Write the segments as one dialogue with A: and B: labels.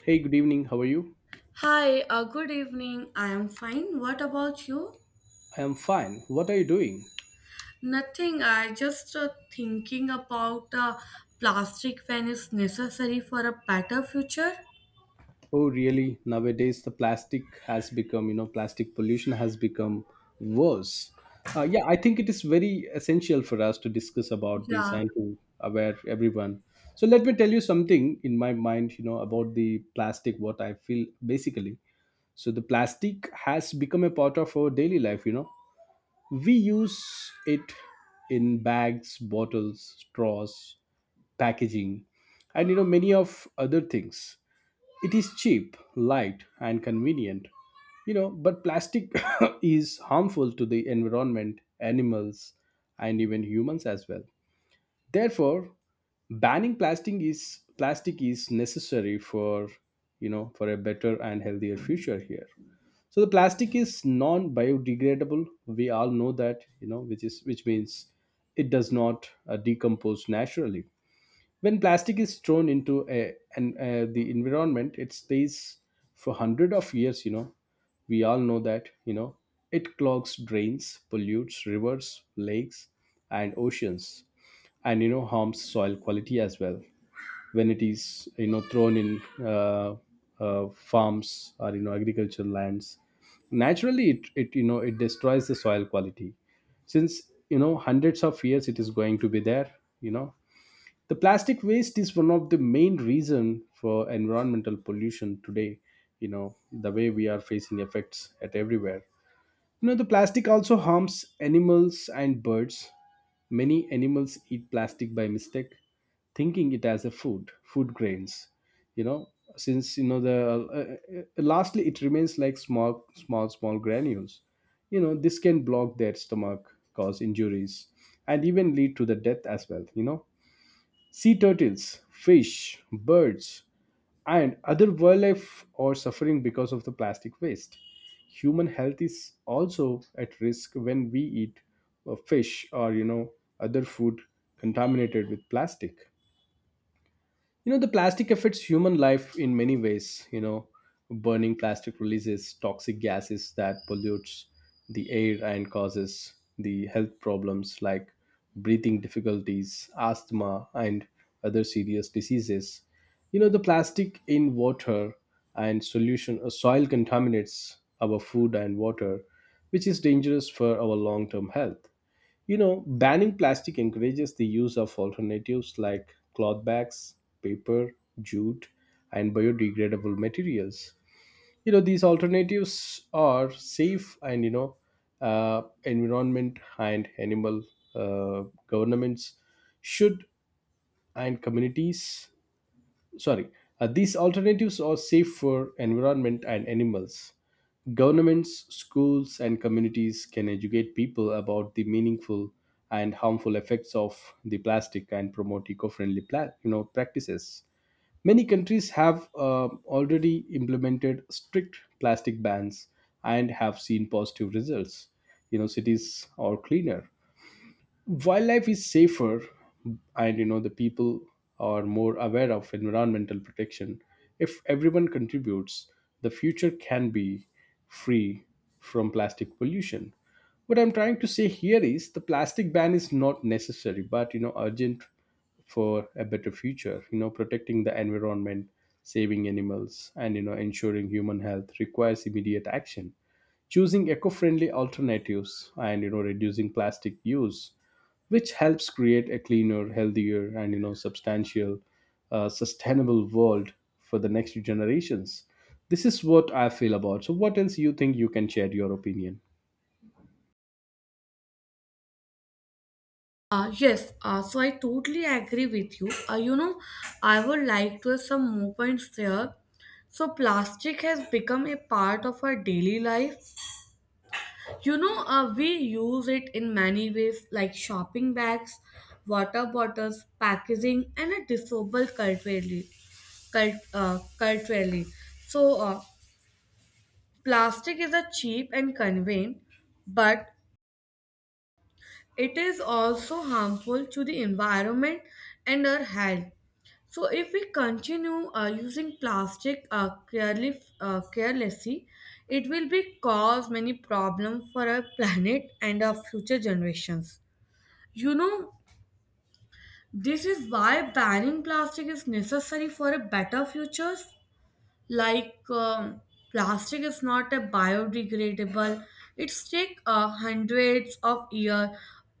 A: Hey, good evening. How are you?
B: Hi, good evening. I am fine. What about you?
A: I am fine. What are you doing?
B: Nothing. I just thinking about plastic when it's necessary for a better future.
A: Oh, really? Nowadays, the plastic has become, plastic pollution has become worse. Yeah, I think it is very essential for us to discuss about this
B: Yeah.
A: and to aware everyone. So let me tell you something in my mind, about the plastic. What I feel basically. So the plastic has become a part of our daily life. We use it in bags, bottles, straws, packaging, and many of other things. It is cheap, light, and convenient. But plastic is harmful to the environment, animals, and even humans as well. Therefore, banning plastic is necessary for for a better and healthier future here. So the plastic is non biodegradable. We all know that. Which means it does not decompose naturally. When plastic is thrown into the environment, it stays for hundred of years. We all know that it clogs drains, pollutes rivers, lakes, and oceans, and harms soil quality as well. When it is thrown in farms or agricultural lands, naturally it, it you know it destroys the soil quality, since hundreds of years it is going to be there. you know the plastic waste is one of the main reason for environmental pollution today. The way we are facing effects at everywhere. The plastic also harms animals and birds. Many animals eat plastic by mistake, thinking it as food grains. You know since the lastly it remains like small granules. This can block their stomach, cause injuries, and even lead to the death as well. Sea turtles, fish, birds, and other wildlife are suffering because of the plastic waste. Human health is also at risk when we eat fish or other food contaminated with plastic. The plastic affects human life in many ways. Burning plastic releases toxic gases that pollutes the air and causes the health problems like breathing difficulties, asthma, and other serious diseases. The plastic in water and solution soil contaminates our food and water, which is dangerous for our long term health. Banning plastic encourages the use of alternatives like cloth bags, paper, jute, and biodegradable materials. These alternatives are safe and, environment and animal governments should and communities. Sorry. These alternatives are safe for environment and animals. Governments, schools, and communities can educate people about the meaningful and harmful effects of the plastic and promote eco-friendly practices. Many countries have already implemented strict plastic bans and have seen positive results. Cities are cleaner, wildlife is safer, and the people are more aware of environmental protection. If everyone contributes, the future can be free from plastic pollution. What I'm trying to say here is the plastic ban is not necessary but urgent for a better future. Protecting the environment, saving animals, and ensuring human health requires immediate action. Choosing eco-friendly alternatives and reducing plastic use, which helps create a cleaner, healthier, and sustainable world for the next generations. This is what I feel about. So, what else you think you can share your opinion?
B: Yes, so I totally agree with you. You know, I would like to have some more points there. So plastic has become a part of our daily life. You know, we use it in many ways like shopping bags, water bottles, packaging, and a disposable culturally. Culturally. So, plastic is a cheap and convenient, but it is also harmful to the environment and our health. So, if we continue using plastic carelessly, it will be cause many problems for our planet and our future generations. You know, this is why banning plastic is necessary for a better futures. Like plastic is not a biodegradable. It take hundreds of years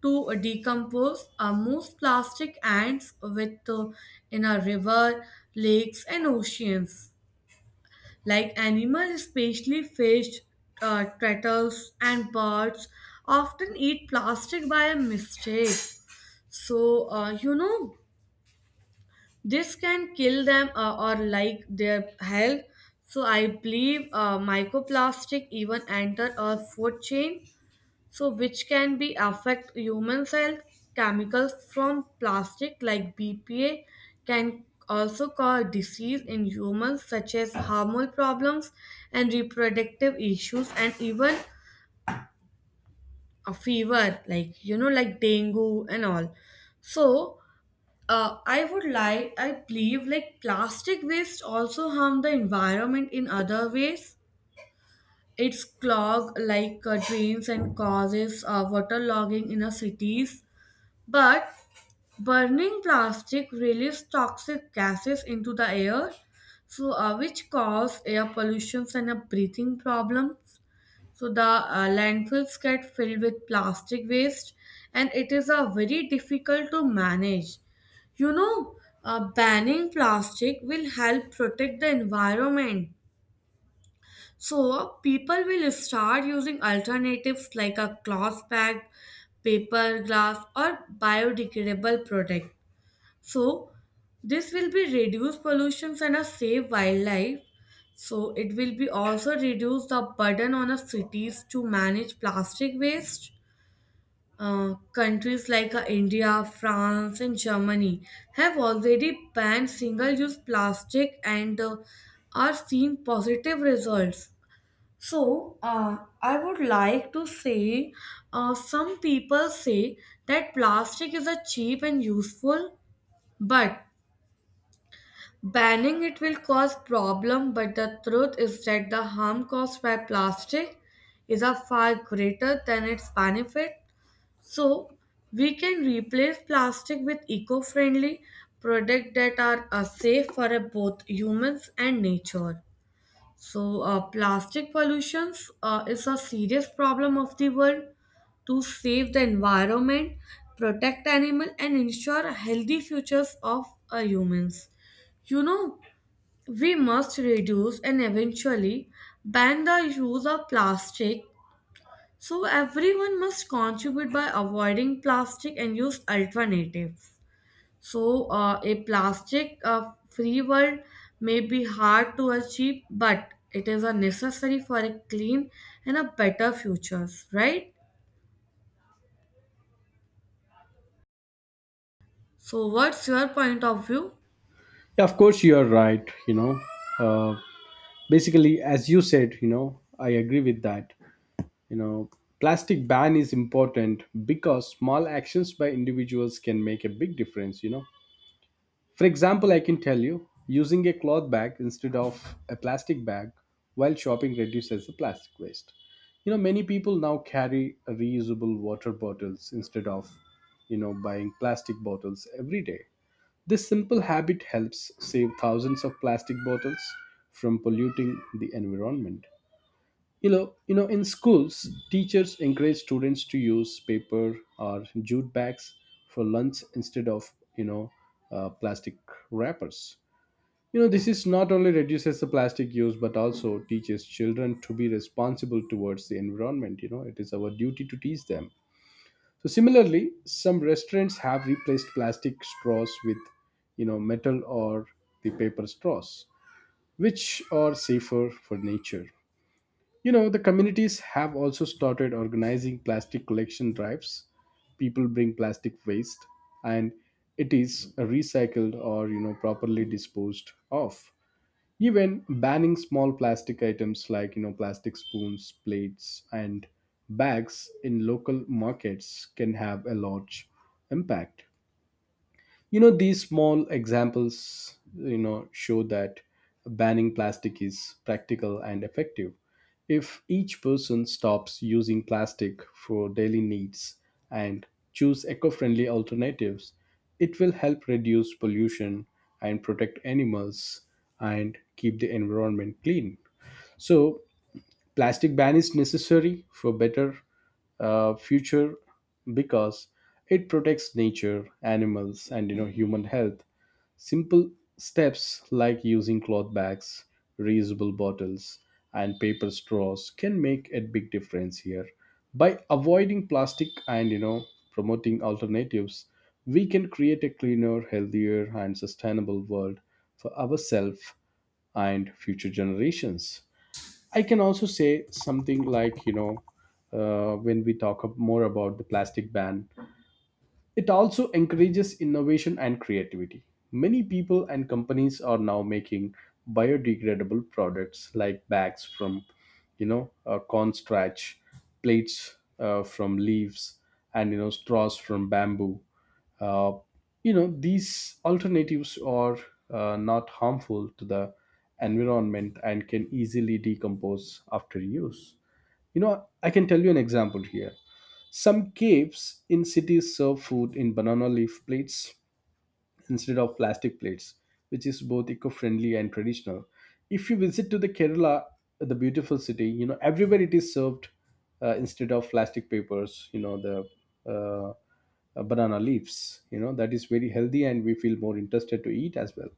B: to decompose. Most plastic ends with in a river, lakes, and oceans. Like animals, especially fish, turtles, and birds, often eat plastic by a mistake. So, you know, this can kill them or like their health. So I believe microplastic even enter our food chain, so which can be affect human health. Chemicals from plastic like BPA can also cause disease in humans such as hormonal problems and reproductive issues and even a fever like you know like dengue and all. so I believe like plastic waste also harm the environment in other ways. It's clog like drains and causes waterlogging in our cities. But burning plastic releases toxic gases into the air, so which cause air pollution and a breathing problem. So the landfills get filled with plastic waste, and it is a very difficult to manage. You know, banning plastic will help protect the environment. So people will start using alternatives like a cloth bag, paper, glass, or biodegradable product. So this will be reduce pollutions and a save wildlife. So it will be also reduce the burden on the cities to manage plastic waste. Countries like India, France, and Germany have already banned single-use plastic and are seeing positive results. I would like to say some people say that plastic is a cheap and useful, but banning it will cause problem, but the truth is that the harm caused by plastic is a far greater than its benefit. So we can replace plastic with eco-friendly products that are safe for both humans and nature. So plastic pollutions is a serious problem of the world. To save the environment, protect animal, and ensure healthy futures of humans, you know, we must reduce and eventually ban the use of plastic. So everyone must contribute by avoiding plastic and use alternatives. So a plastic free world may be hard to achieve, but it is a necessary for a clean and a better futures, right? So what's your point of view?
A: Yeah, of course you are right. Uh, basically, as you said, I agree with that. You know, plastic ban is important because small actions by individuals can make a big difference. For example, I can tell you, using a cloth bag instead of a plastic bag while shopping reduces the plastic waste. Many people now carry reusable water bottles instead of, buying plastic bottles every day. This simple habit helps save thousands of plastic bottles from polluting the environment. In schools, teachers encourage students to use paper or jute bags for lunch instead of plastic wrappers. This is not only reduces the plastic use but also teaches children to be responsible towards the environment. It is our duty to teach them. So similarly, some restaurants have replaced plastic straws with metal or the paper straws, which are safer for nature. The communities have also started organizing plastic collection drives. People bring plastic waste and it is recycled or, properly disposed of. Even banning small plastic items like, plastic spoons, plates, and bags in local markets can have a large impact. These small examples show that banning plastic is practical and effective. If each person stops using plastic for daily needs and choose eco-friendly alternatives, it will help reduce pollution, and protect animals, and keep the environment clean. So plastic ban is necessary for better future, because it protects nature, animals, and human health. Simple steps like using cloth bags, reusable bottles, and paper straws can make a big difference here. By avoiding plastic and promoting alternatives, we can create a cleaner, healthier, and sustainable world for ourselves and future generations. I can also say something like, when we talk more about the plastic ban, it also encourages innovation and creativity. Many people and companies are now making biodegradable products like bags from, corn starch, plates from leaves, and straws from bamboo. Uh, these alternatives are not harmful to the environment and can easily decompose after use. I can tell you an example here. Some caves in cities serve food in banana leaf plates instead of plastic plates, which is both eco-friendly and traditional. If you visit to the Kerala, the beautiful city, everywhere it is served instead of plastic papers. The uh, banana leaves. That is very healthy, and we feel more interested to eat as well.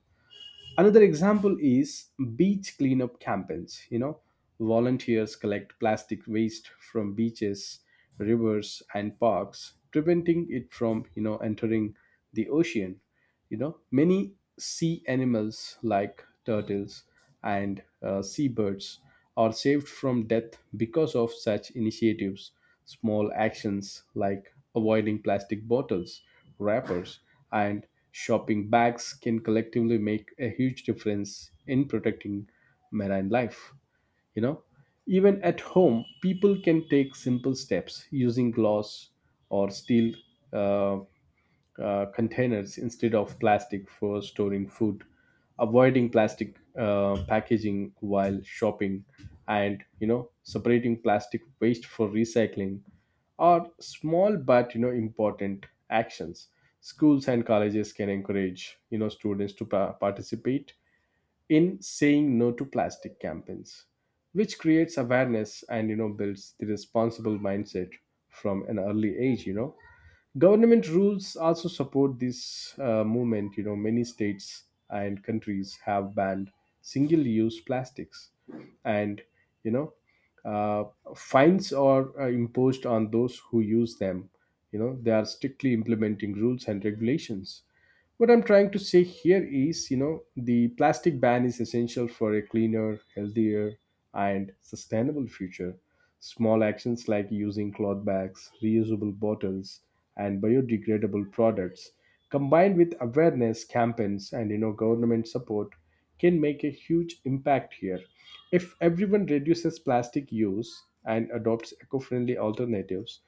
A: Another example is beach cleanup campaigns. Volunteers collect plastic waste from beaches, rivers, and parks, preventing it from, entering the ocean. Many sea animals like turtles and seabirds are saved from death because of such initiatives. Small actions like avoiding plastic bottles, wrappers, and shopping bags can collectively make a huge difference in protecting marine life. you know even at home, people can take simple steps, using glass or steel uh, containers instead of plastic for storing food, avoiding plastic packaging while shopping, and separating plastic waste for recycling are small but important actions. Schools and colleges can encourage students to participate in saying no to plastic campaigns, which creates awareness and builds the responsible mindset from an early age. Government rules also support this movement. Many states and countries have banned single use plastics, and you know uh, fines are imposed on those who use them. They are strictly implementing rules and regulations. What I'm trying to say here is, the plastic ban is essential for a cleaner, healthier, and sustainable future. Small actions like using cloth bags, reusable bottles, and biodegradable products combined with awareness campaigns and government support can make a huge impact here. If everyone reduces plastic use and adopts eco-friendly alternatives,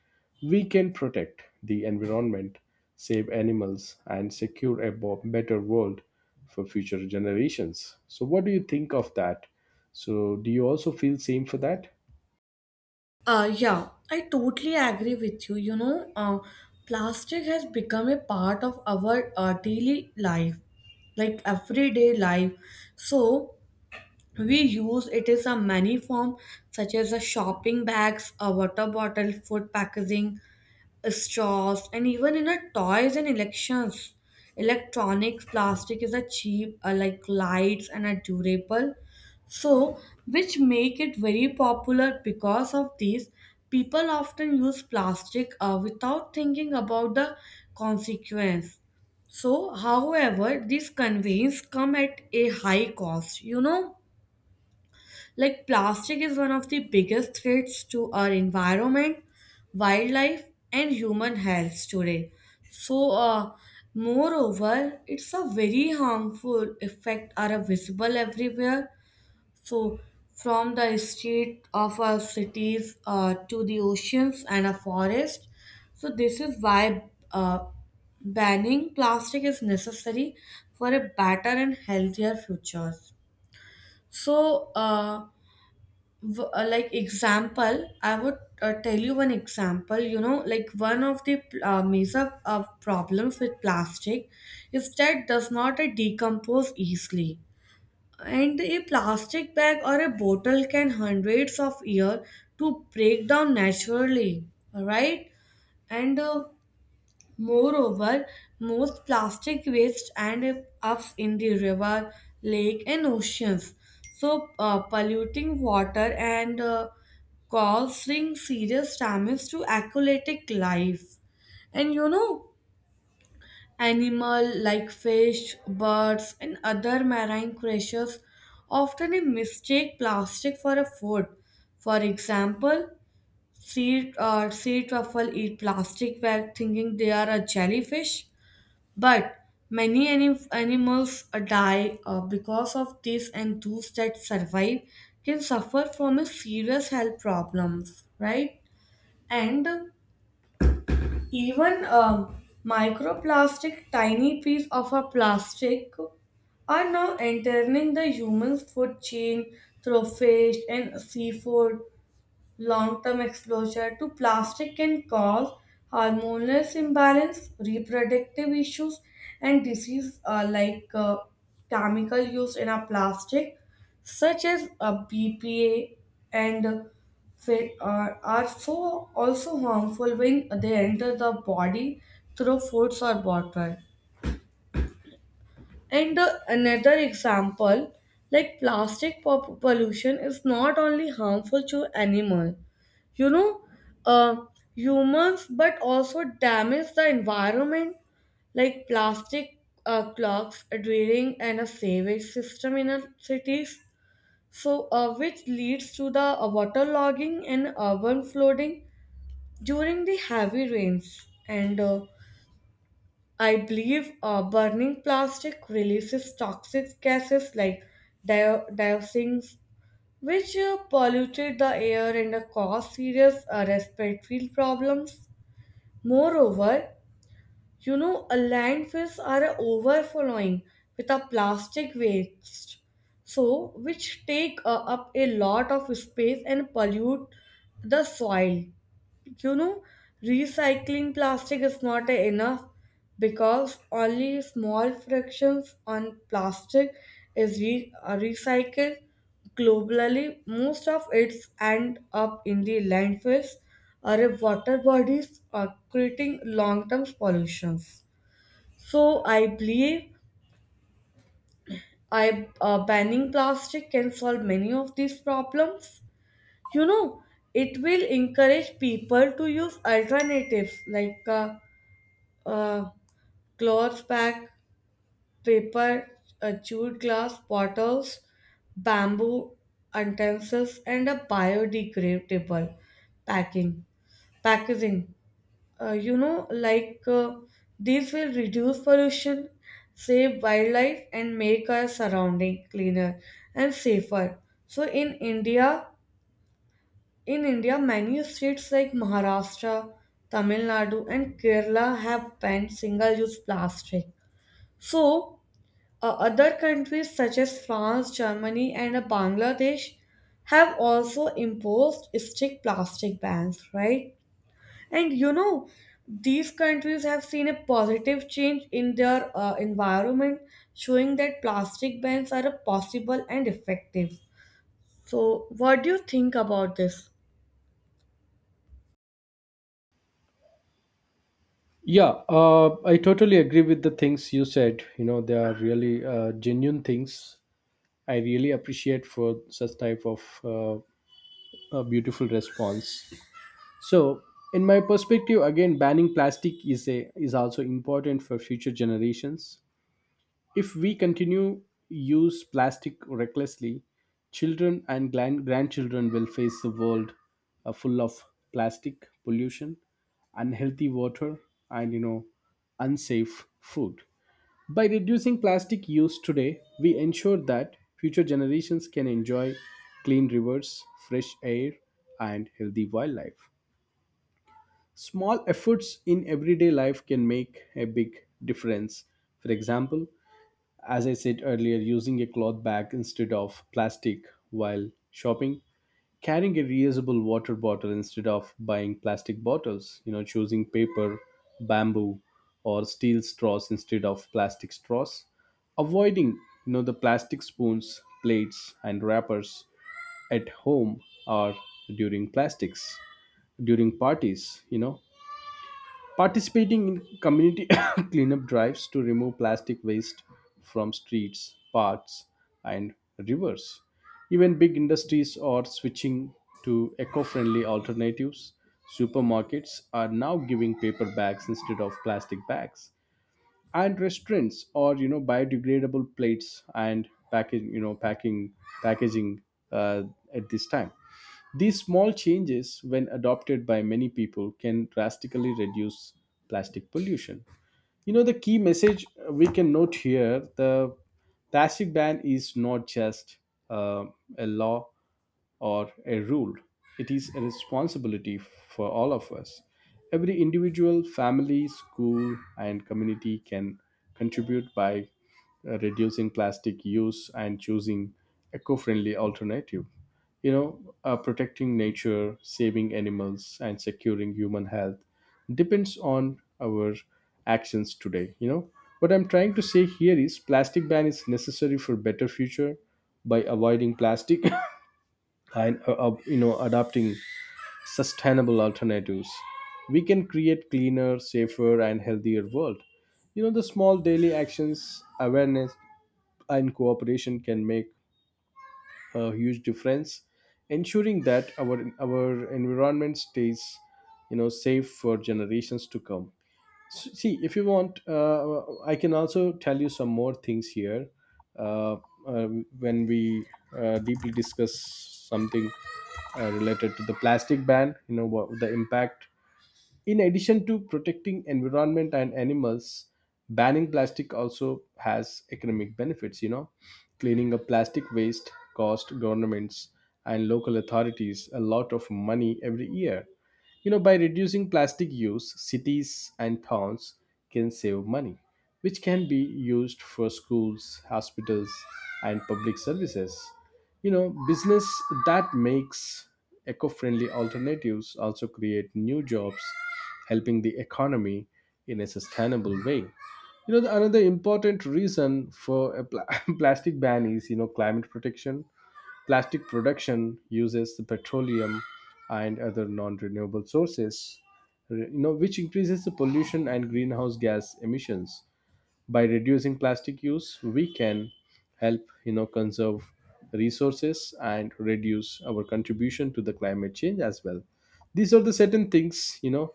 A: we can protect the environment, save animals, and secure a better world for future generations. So, what do you think of that? So, do you also feel same for that?
B: Yeah, I totally agree with you. You know, plastic has become a part of our daily life, like everyday life. So we use it is a many form, such as a shopping bags, a water bottle, food packaging, straws, and even in our toys and elections. Electronics, plastic is a cheap, like lights, and are durable. So, which make it very popular because of these, people often use plastic without thinking about the consequence. However, these conveyance come at a high cost. You know, like plastic is one of the biggest threats to our environment, wildlife, and human health today. So, uh, moreover, it's a very harmful effect are visible everywhere. So, from the street of our cities to the oceans and our forest. So this is why banning plastic is necessary for a better and healthier futures. So, w- like example I would tell you one example, you know, like one of the major problems with plastic is that does not decompose easily, and a plastic bag or a bottle can hundreds of years to break down naturally, right? And moreover, most plastic waste ends up in the river, lake, and oceans, so polluting water and causing serious damage to aquatic life. And you know, animal like fish, birds, and other marine creatures often mistake plastic for a food. For example, sea truffle eat plastic while thinking they are a jellyfish, but many animals die because of this, and those that survive can suffer from a serious health problems, right? And even microplastic, tiny piece of a plastic, are now entering the human food chain through fish and seafood. Long term exposure to plastic can cause hormonal imbalance, reproductive issues, and disease chemical used in a plastic, such as BPA and fit are so also harmful when they enter the body through foods or water. And the another example, like plastic pollution is not only harmful to animal, you know, uh, humans, but also damage the environment, like plastic clogs, a draining, and a sewage system in our cities. So, which leads to the waterlogging and urban flooding during the heavy rains and. I believe burning plastic releases toxic gases like dioxins, which polluted the air and cause serious respiratory problems. Moreover, you know, landfills are overflowing with a plastic waste, so which take up a lot of space and pollute the soil. You know, recycling plastic is not enough because only small fractions on plastic is recycled globally. Most of it end up in the landfills or in water bodies creating long-term pollutions. So I believe I banning plastic can solve many of these problems. You know, it will encourage people to use alternatives like uh, cloth bag, paper, a chewed glass, bottles, bamboo utensils, and a biodegradable packing packaging. You know, these will reduce pollution, save wildlife, and make our surrounding cleaner and safer. So in India, in India, many states like Maharashtra, Tamil Nadu, and Kerala have banned single-use plastic. So, other countries such as France, Germany, and Bangladesh have also imposed strict plastic bans, right? And you know, these countries have seen a positive change in their environment, showing that plastic bans are a possible and effective. So, what do you think about this?
A: Yeah, I totally agree with the things you said. They are really genuine things. I really appreciate for such type of a beautiful response. So, in my perspective, again, banning plastic is also important for future generations. If we continue use plastic recklessly, children and grandchildren will face a world full of plastic pollution, unhealthy water, and unsafe food. By reducing plastic use today, we ensure that future generations can enjoy clean rivers, fresh air, and healthy wildlife. Small efforts in everyday life can make a big difference. For example, as I said earlier, using a cloth bag instead of plastic while shopping, carrying a reusable water bottle instead of buying plastic bottles, choosing paper, bamboo, or steel straws instead of plastic straws, avoiding, the plastic spoons, plates, and wrappers at home or during plastics during parties, participating in community cleanup drives to remove plastic waste from streets, parks, and rivers. Even big industries are switching to eco friendly alternatives. Supermarkets are now giving paper bags instead of plastic bags, and restaurants or biodegradable plates and package you know packing packaging uh, at this time. These small changes, when adopted by many people, can drastically reduce plastic pollution. The key message we can note here: the plastic ban is not just uh, a law or a rule, it is a responsibility for all of us. Every individual, family, school, and community can contribute by reducing plastic use and choosing eco friendly alternative. Protecting nature, saving animals, and securing human health depends on our actions today. What I'm trying to say here is plastic ban is necessary for better future. By avoiding plastic and adopting sustainable alternatives, we can create cleaner, safer, and healthier world. The small daily actions, awareness, and cooperation can make a huge difference, ensuring that our environment stays safe for generations to come. See, if you want, I can also tell you some more things here. uh, uh, when we deeply discuss something related to the plastic ban, what the impact: in addition to protecting environment and animals, banning plastic also has economic benefits, you know. Cleaning up plastic waste cost governments and local authorities a lot of money every year. You know, by reducing plastic use, cities and towns can save money, which can be used for schools, hospitals, and public services. Business that makes eco-friendly alternatives also create new jobs, helping the economy in a sustainable way. Another important reason for plastic ban is climate protection. Plastic production uses the petroleum and other non-renewable sources, which increases the pollution and greenhouse gas emissions. By reducing plastic use, we can help conserve resources and reduce our contribution to the climate change as well. These are the certain things you know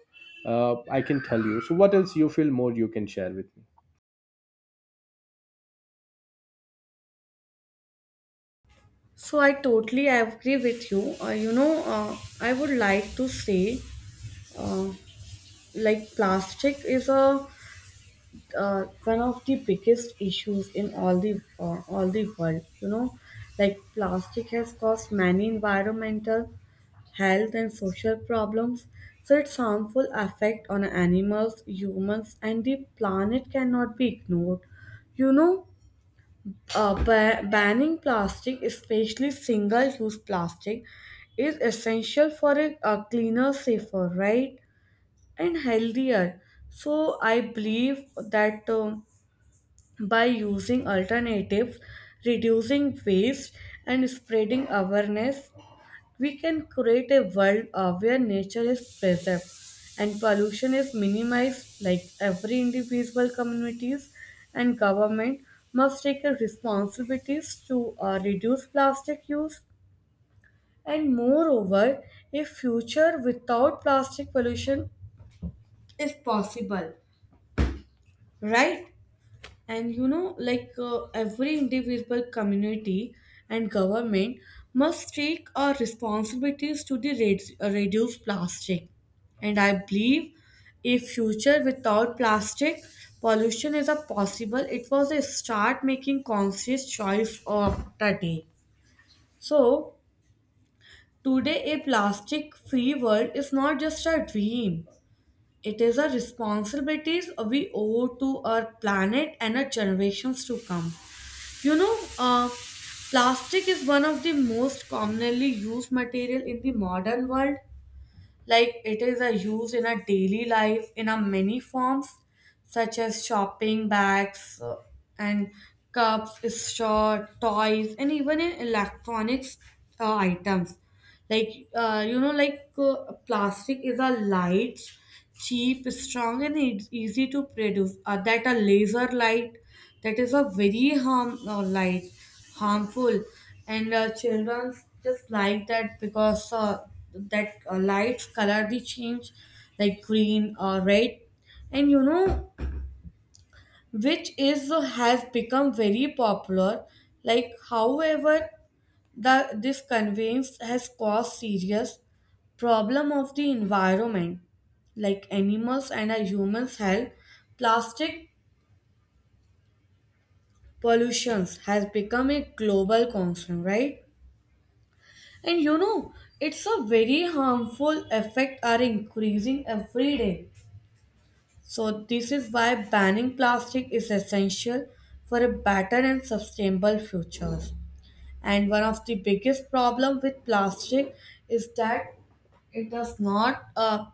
A: uh, I can tell you. So what else you feel more you can share with me.
B: So, I totally agree with you. You know, I would like to say uh, like plastic is a one of the biggest issues in all the world. You know, like plastic has caused many environmental, health and social problems, so its harmful effect on animals, humans and the planet cannot be ignored. You know, banning plastic, especially single use plastic, is essential for a cleaner, safer, right, and healthier. So I believe that by using alternatives, reducing waste, and spreading awareness, we can create a world where nature is preserved and pollution is minimized. Like every individual, communities, and government must take a responsibilities to reduce plastic use. And moreover, a future without plastic pollution is possible, right? And you know, like every individual, community and government must take our responsibilities to the reduce plastic. And I believe a future without plastic pollution is a possible. It was a start making conscious choice of the day. So today a plastic free world is not just a dream. It is a responsibilities we owe to our planet and our generations to come. You know, plastic is one of the most commonly used material in the modern world. Like it is a used in our daily life in a many forms, such as shopping bags and cups, straw, toys, and even in electronics items. Like, plastic is a light, cheap, strong and it's easy to produce. That a laser light, that is a very harmful, and children just like that because that lights color they change like green or red. And you know, which is has become very popular. Like however, this conveyance has caused serious problem of the environment, like animals and our humans health. Plastic pollutions has become a global concern, right? And you know, it's a very harmful effect are increasing every day. So this is why banning plastic is essential for a better and sustainable future. And one of the biggest problem with plastic is that it does not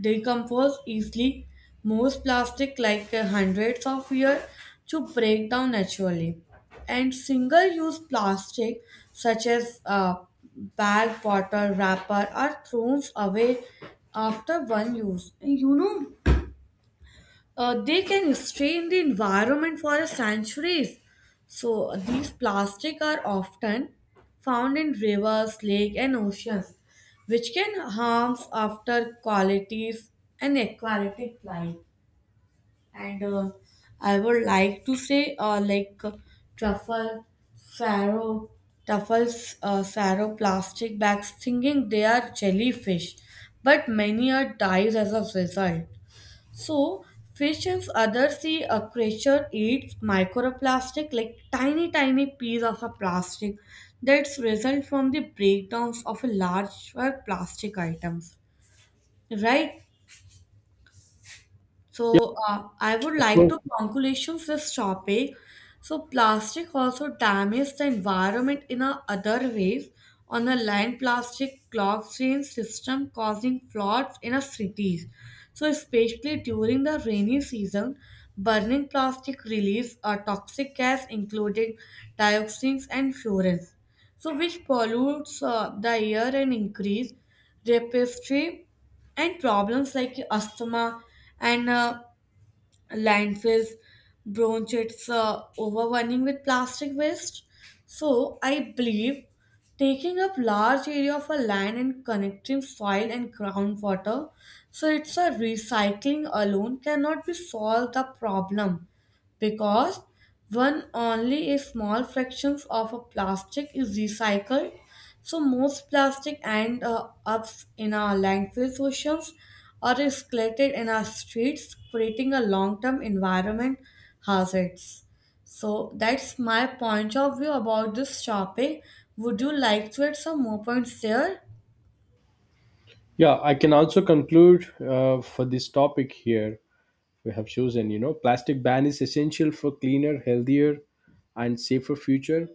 B: decompose easily. Most plastic like hundreds of years to break down naturally. And single-use plastic such as bag, bottle, wrapper are thrown away after one use. And you know, they can stay in the environment for centuries. So these plastic are often found in rivers, lake, and oceans, which can harm after qualities and aquatic life. And I would like to say, like truffle, farrow, truffles, plastic bags, thinking they are jellyfish, but many are dies as a result. So, fishes other sea a creature eats microplastic like tiny piece of a plastic that's result from the breakdowns of a larger plastic items, right? So
A: Yeah,
B: uh, I would
A: of
B: like
A: course.
B: to conclusion this topic. So plastic also damages the environment in a other ways. On the land, plastic clogs drain system causing floods in our cities. So especially during the rainy season, burning plastic release a toxic gas including dioxins and furans. So which pollutes the air and increase respiratory and problems like asthma and landfills, bronchitis, overrunning with plastic waste. So I believe taking up large area of a land and connecting soil and groundwater, so it's a recycling alone cannot be solve the problem because one only a small fraction of a plastic is recycled. So most plastic end up in our landfills, oceans, or is collected in our streets, creating a long-term environment hazards. So that's my point of view about this topic. Would you like to add some more points there?
A: Yeah, I can also conclude for this topic here we have chosen. Plastic ban is essential for cleaner, healthier, and safer future.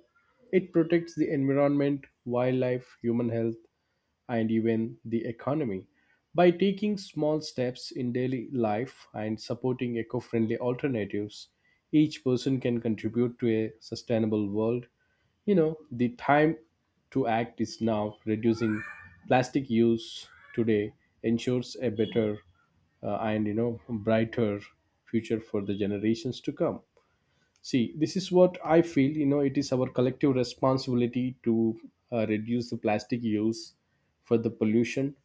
A: It protects the environment, wildlife, human health, and even the economy. By taking small steps in daily life and supporting eco friendly alternatives, each person can contribute to a sustainable world. You know, the time to act is now. Reducing plastic use today ensures a better and, you know, brighter future for the generations to come. See, this is what I feel. You know, it is our collective responsibility to reduce the plastic use for the pollution,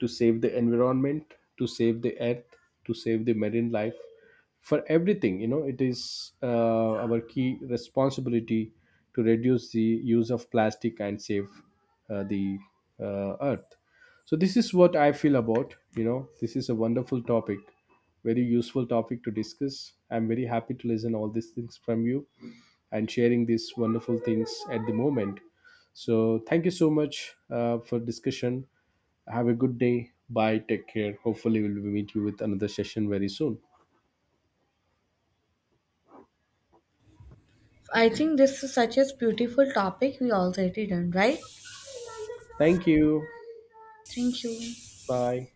A: to save the environment, to save the earth, to save the marine life. For everything, you know, it is our key responsibility to reduce the use of plastic and save the earth. So this is what I feel about. You know, this is a wonderful topic, very useful topic to discuss. I'm very happy to listen all these things from you and sharing these wonderful things at the moment. So thank you so much for discussion. Have a good day. Bye. Take care. Hopefully, we'll meet you with another session very soon.
B: I think this is such a beautiful topic we already done, right?
A: Thank you.
B: Thank you.
A: Bye.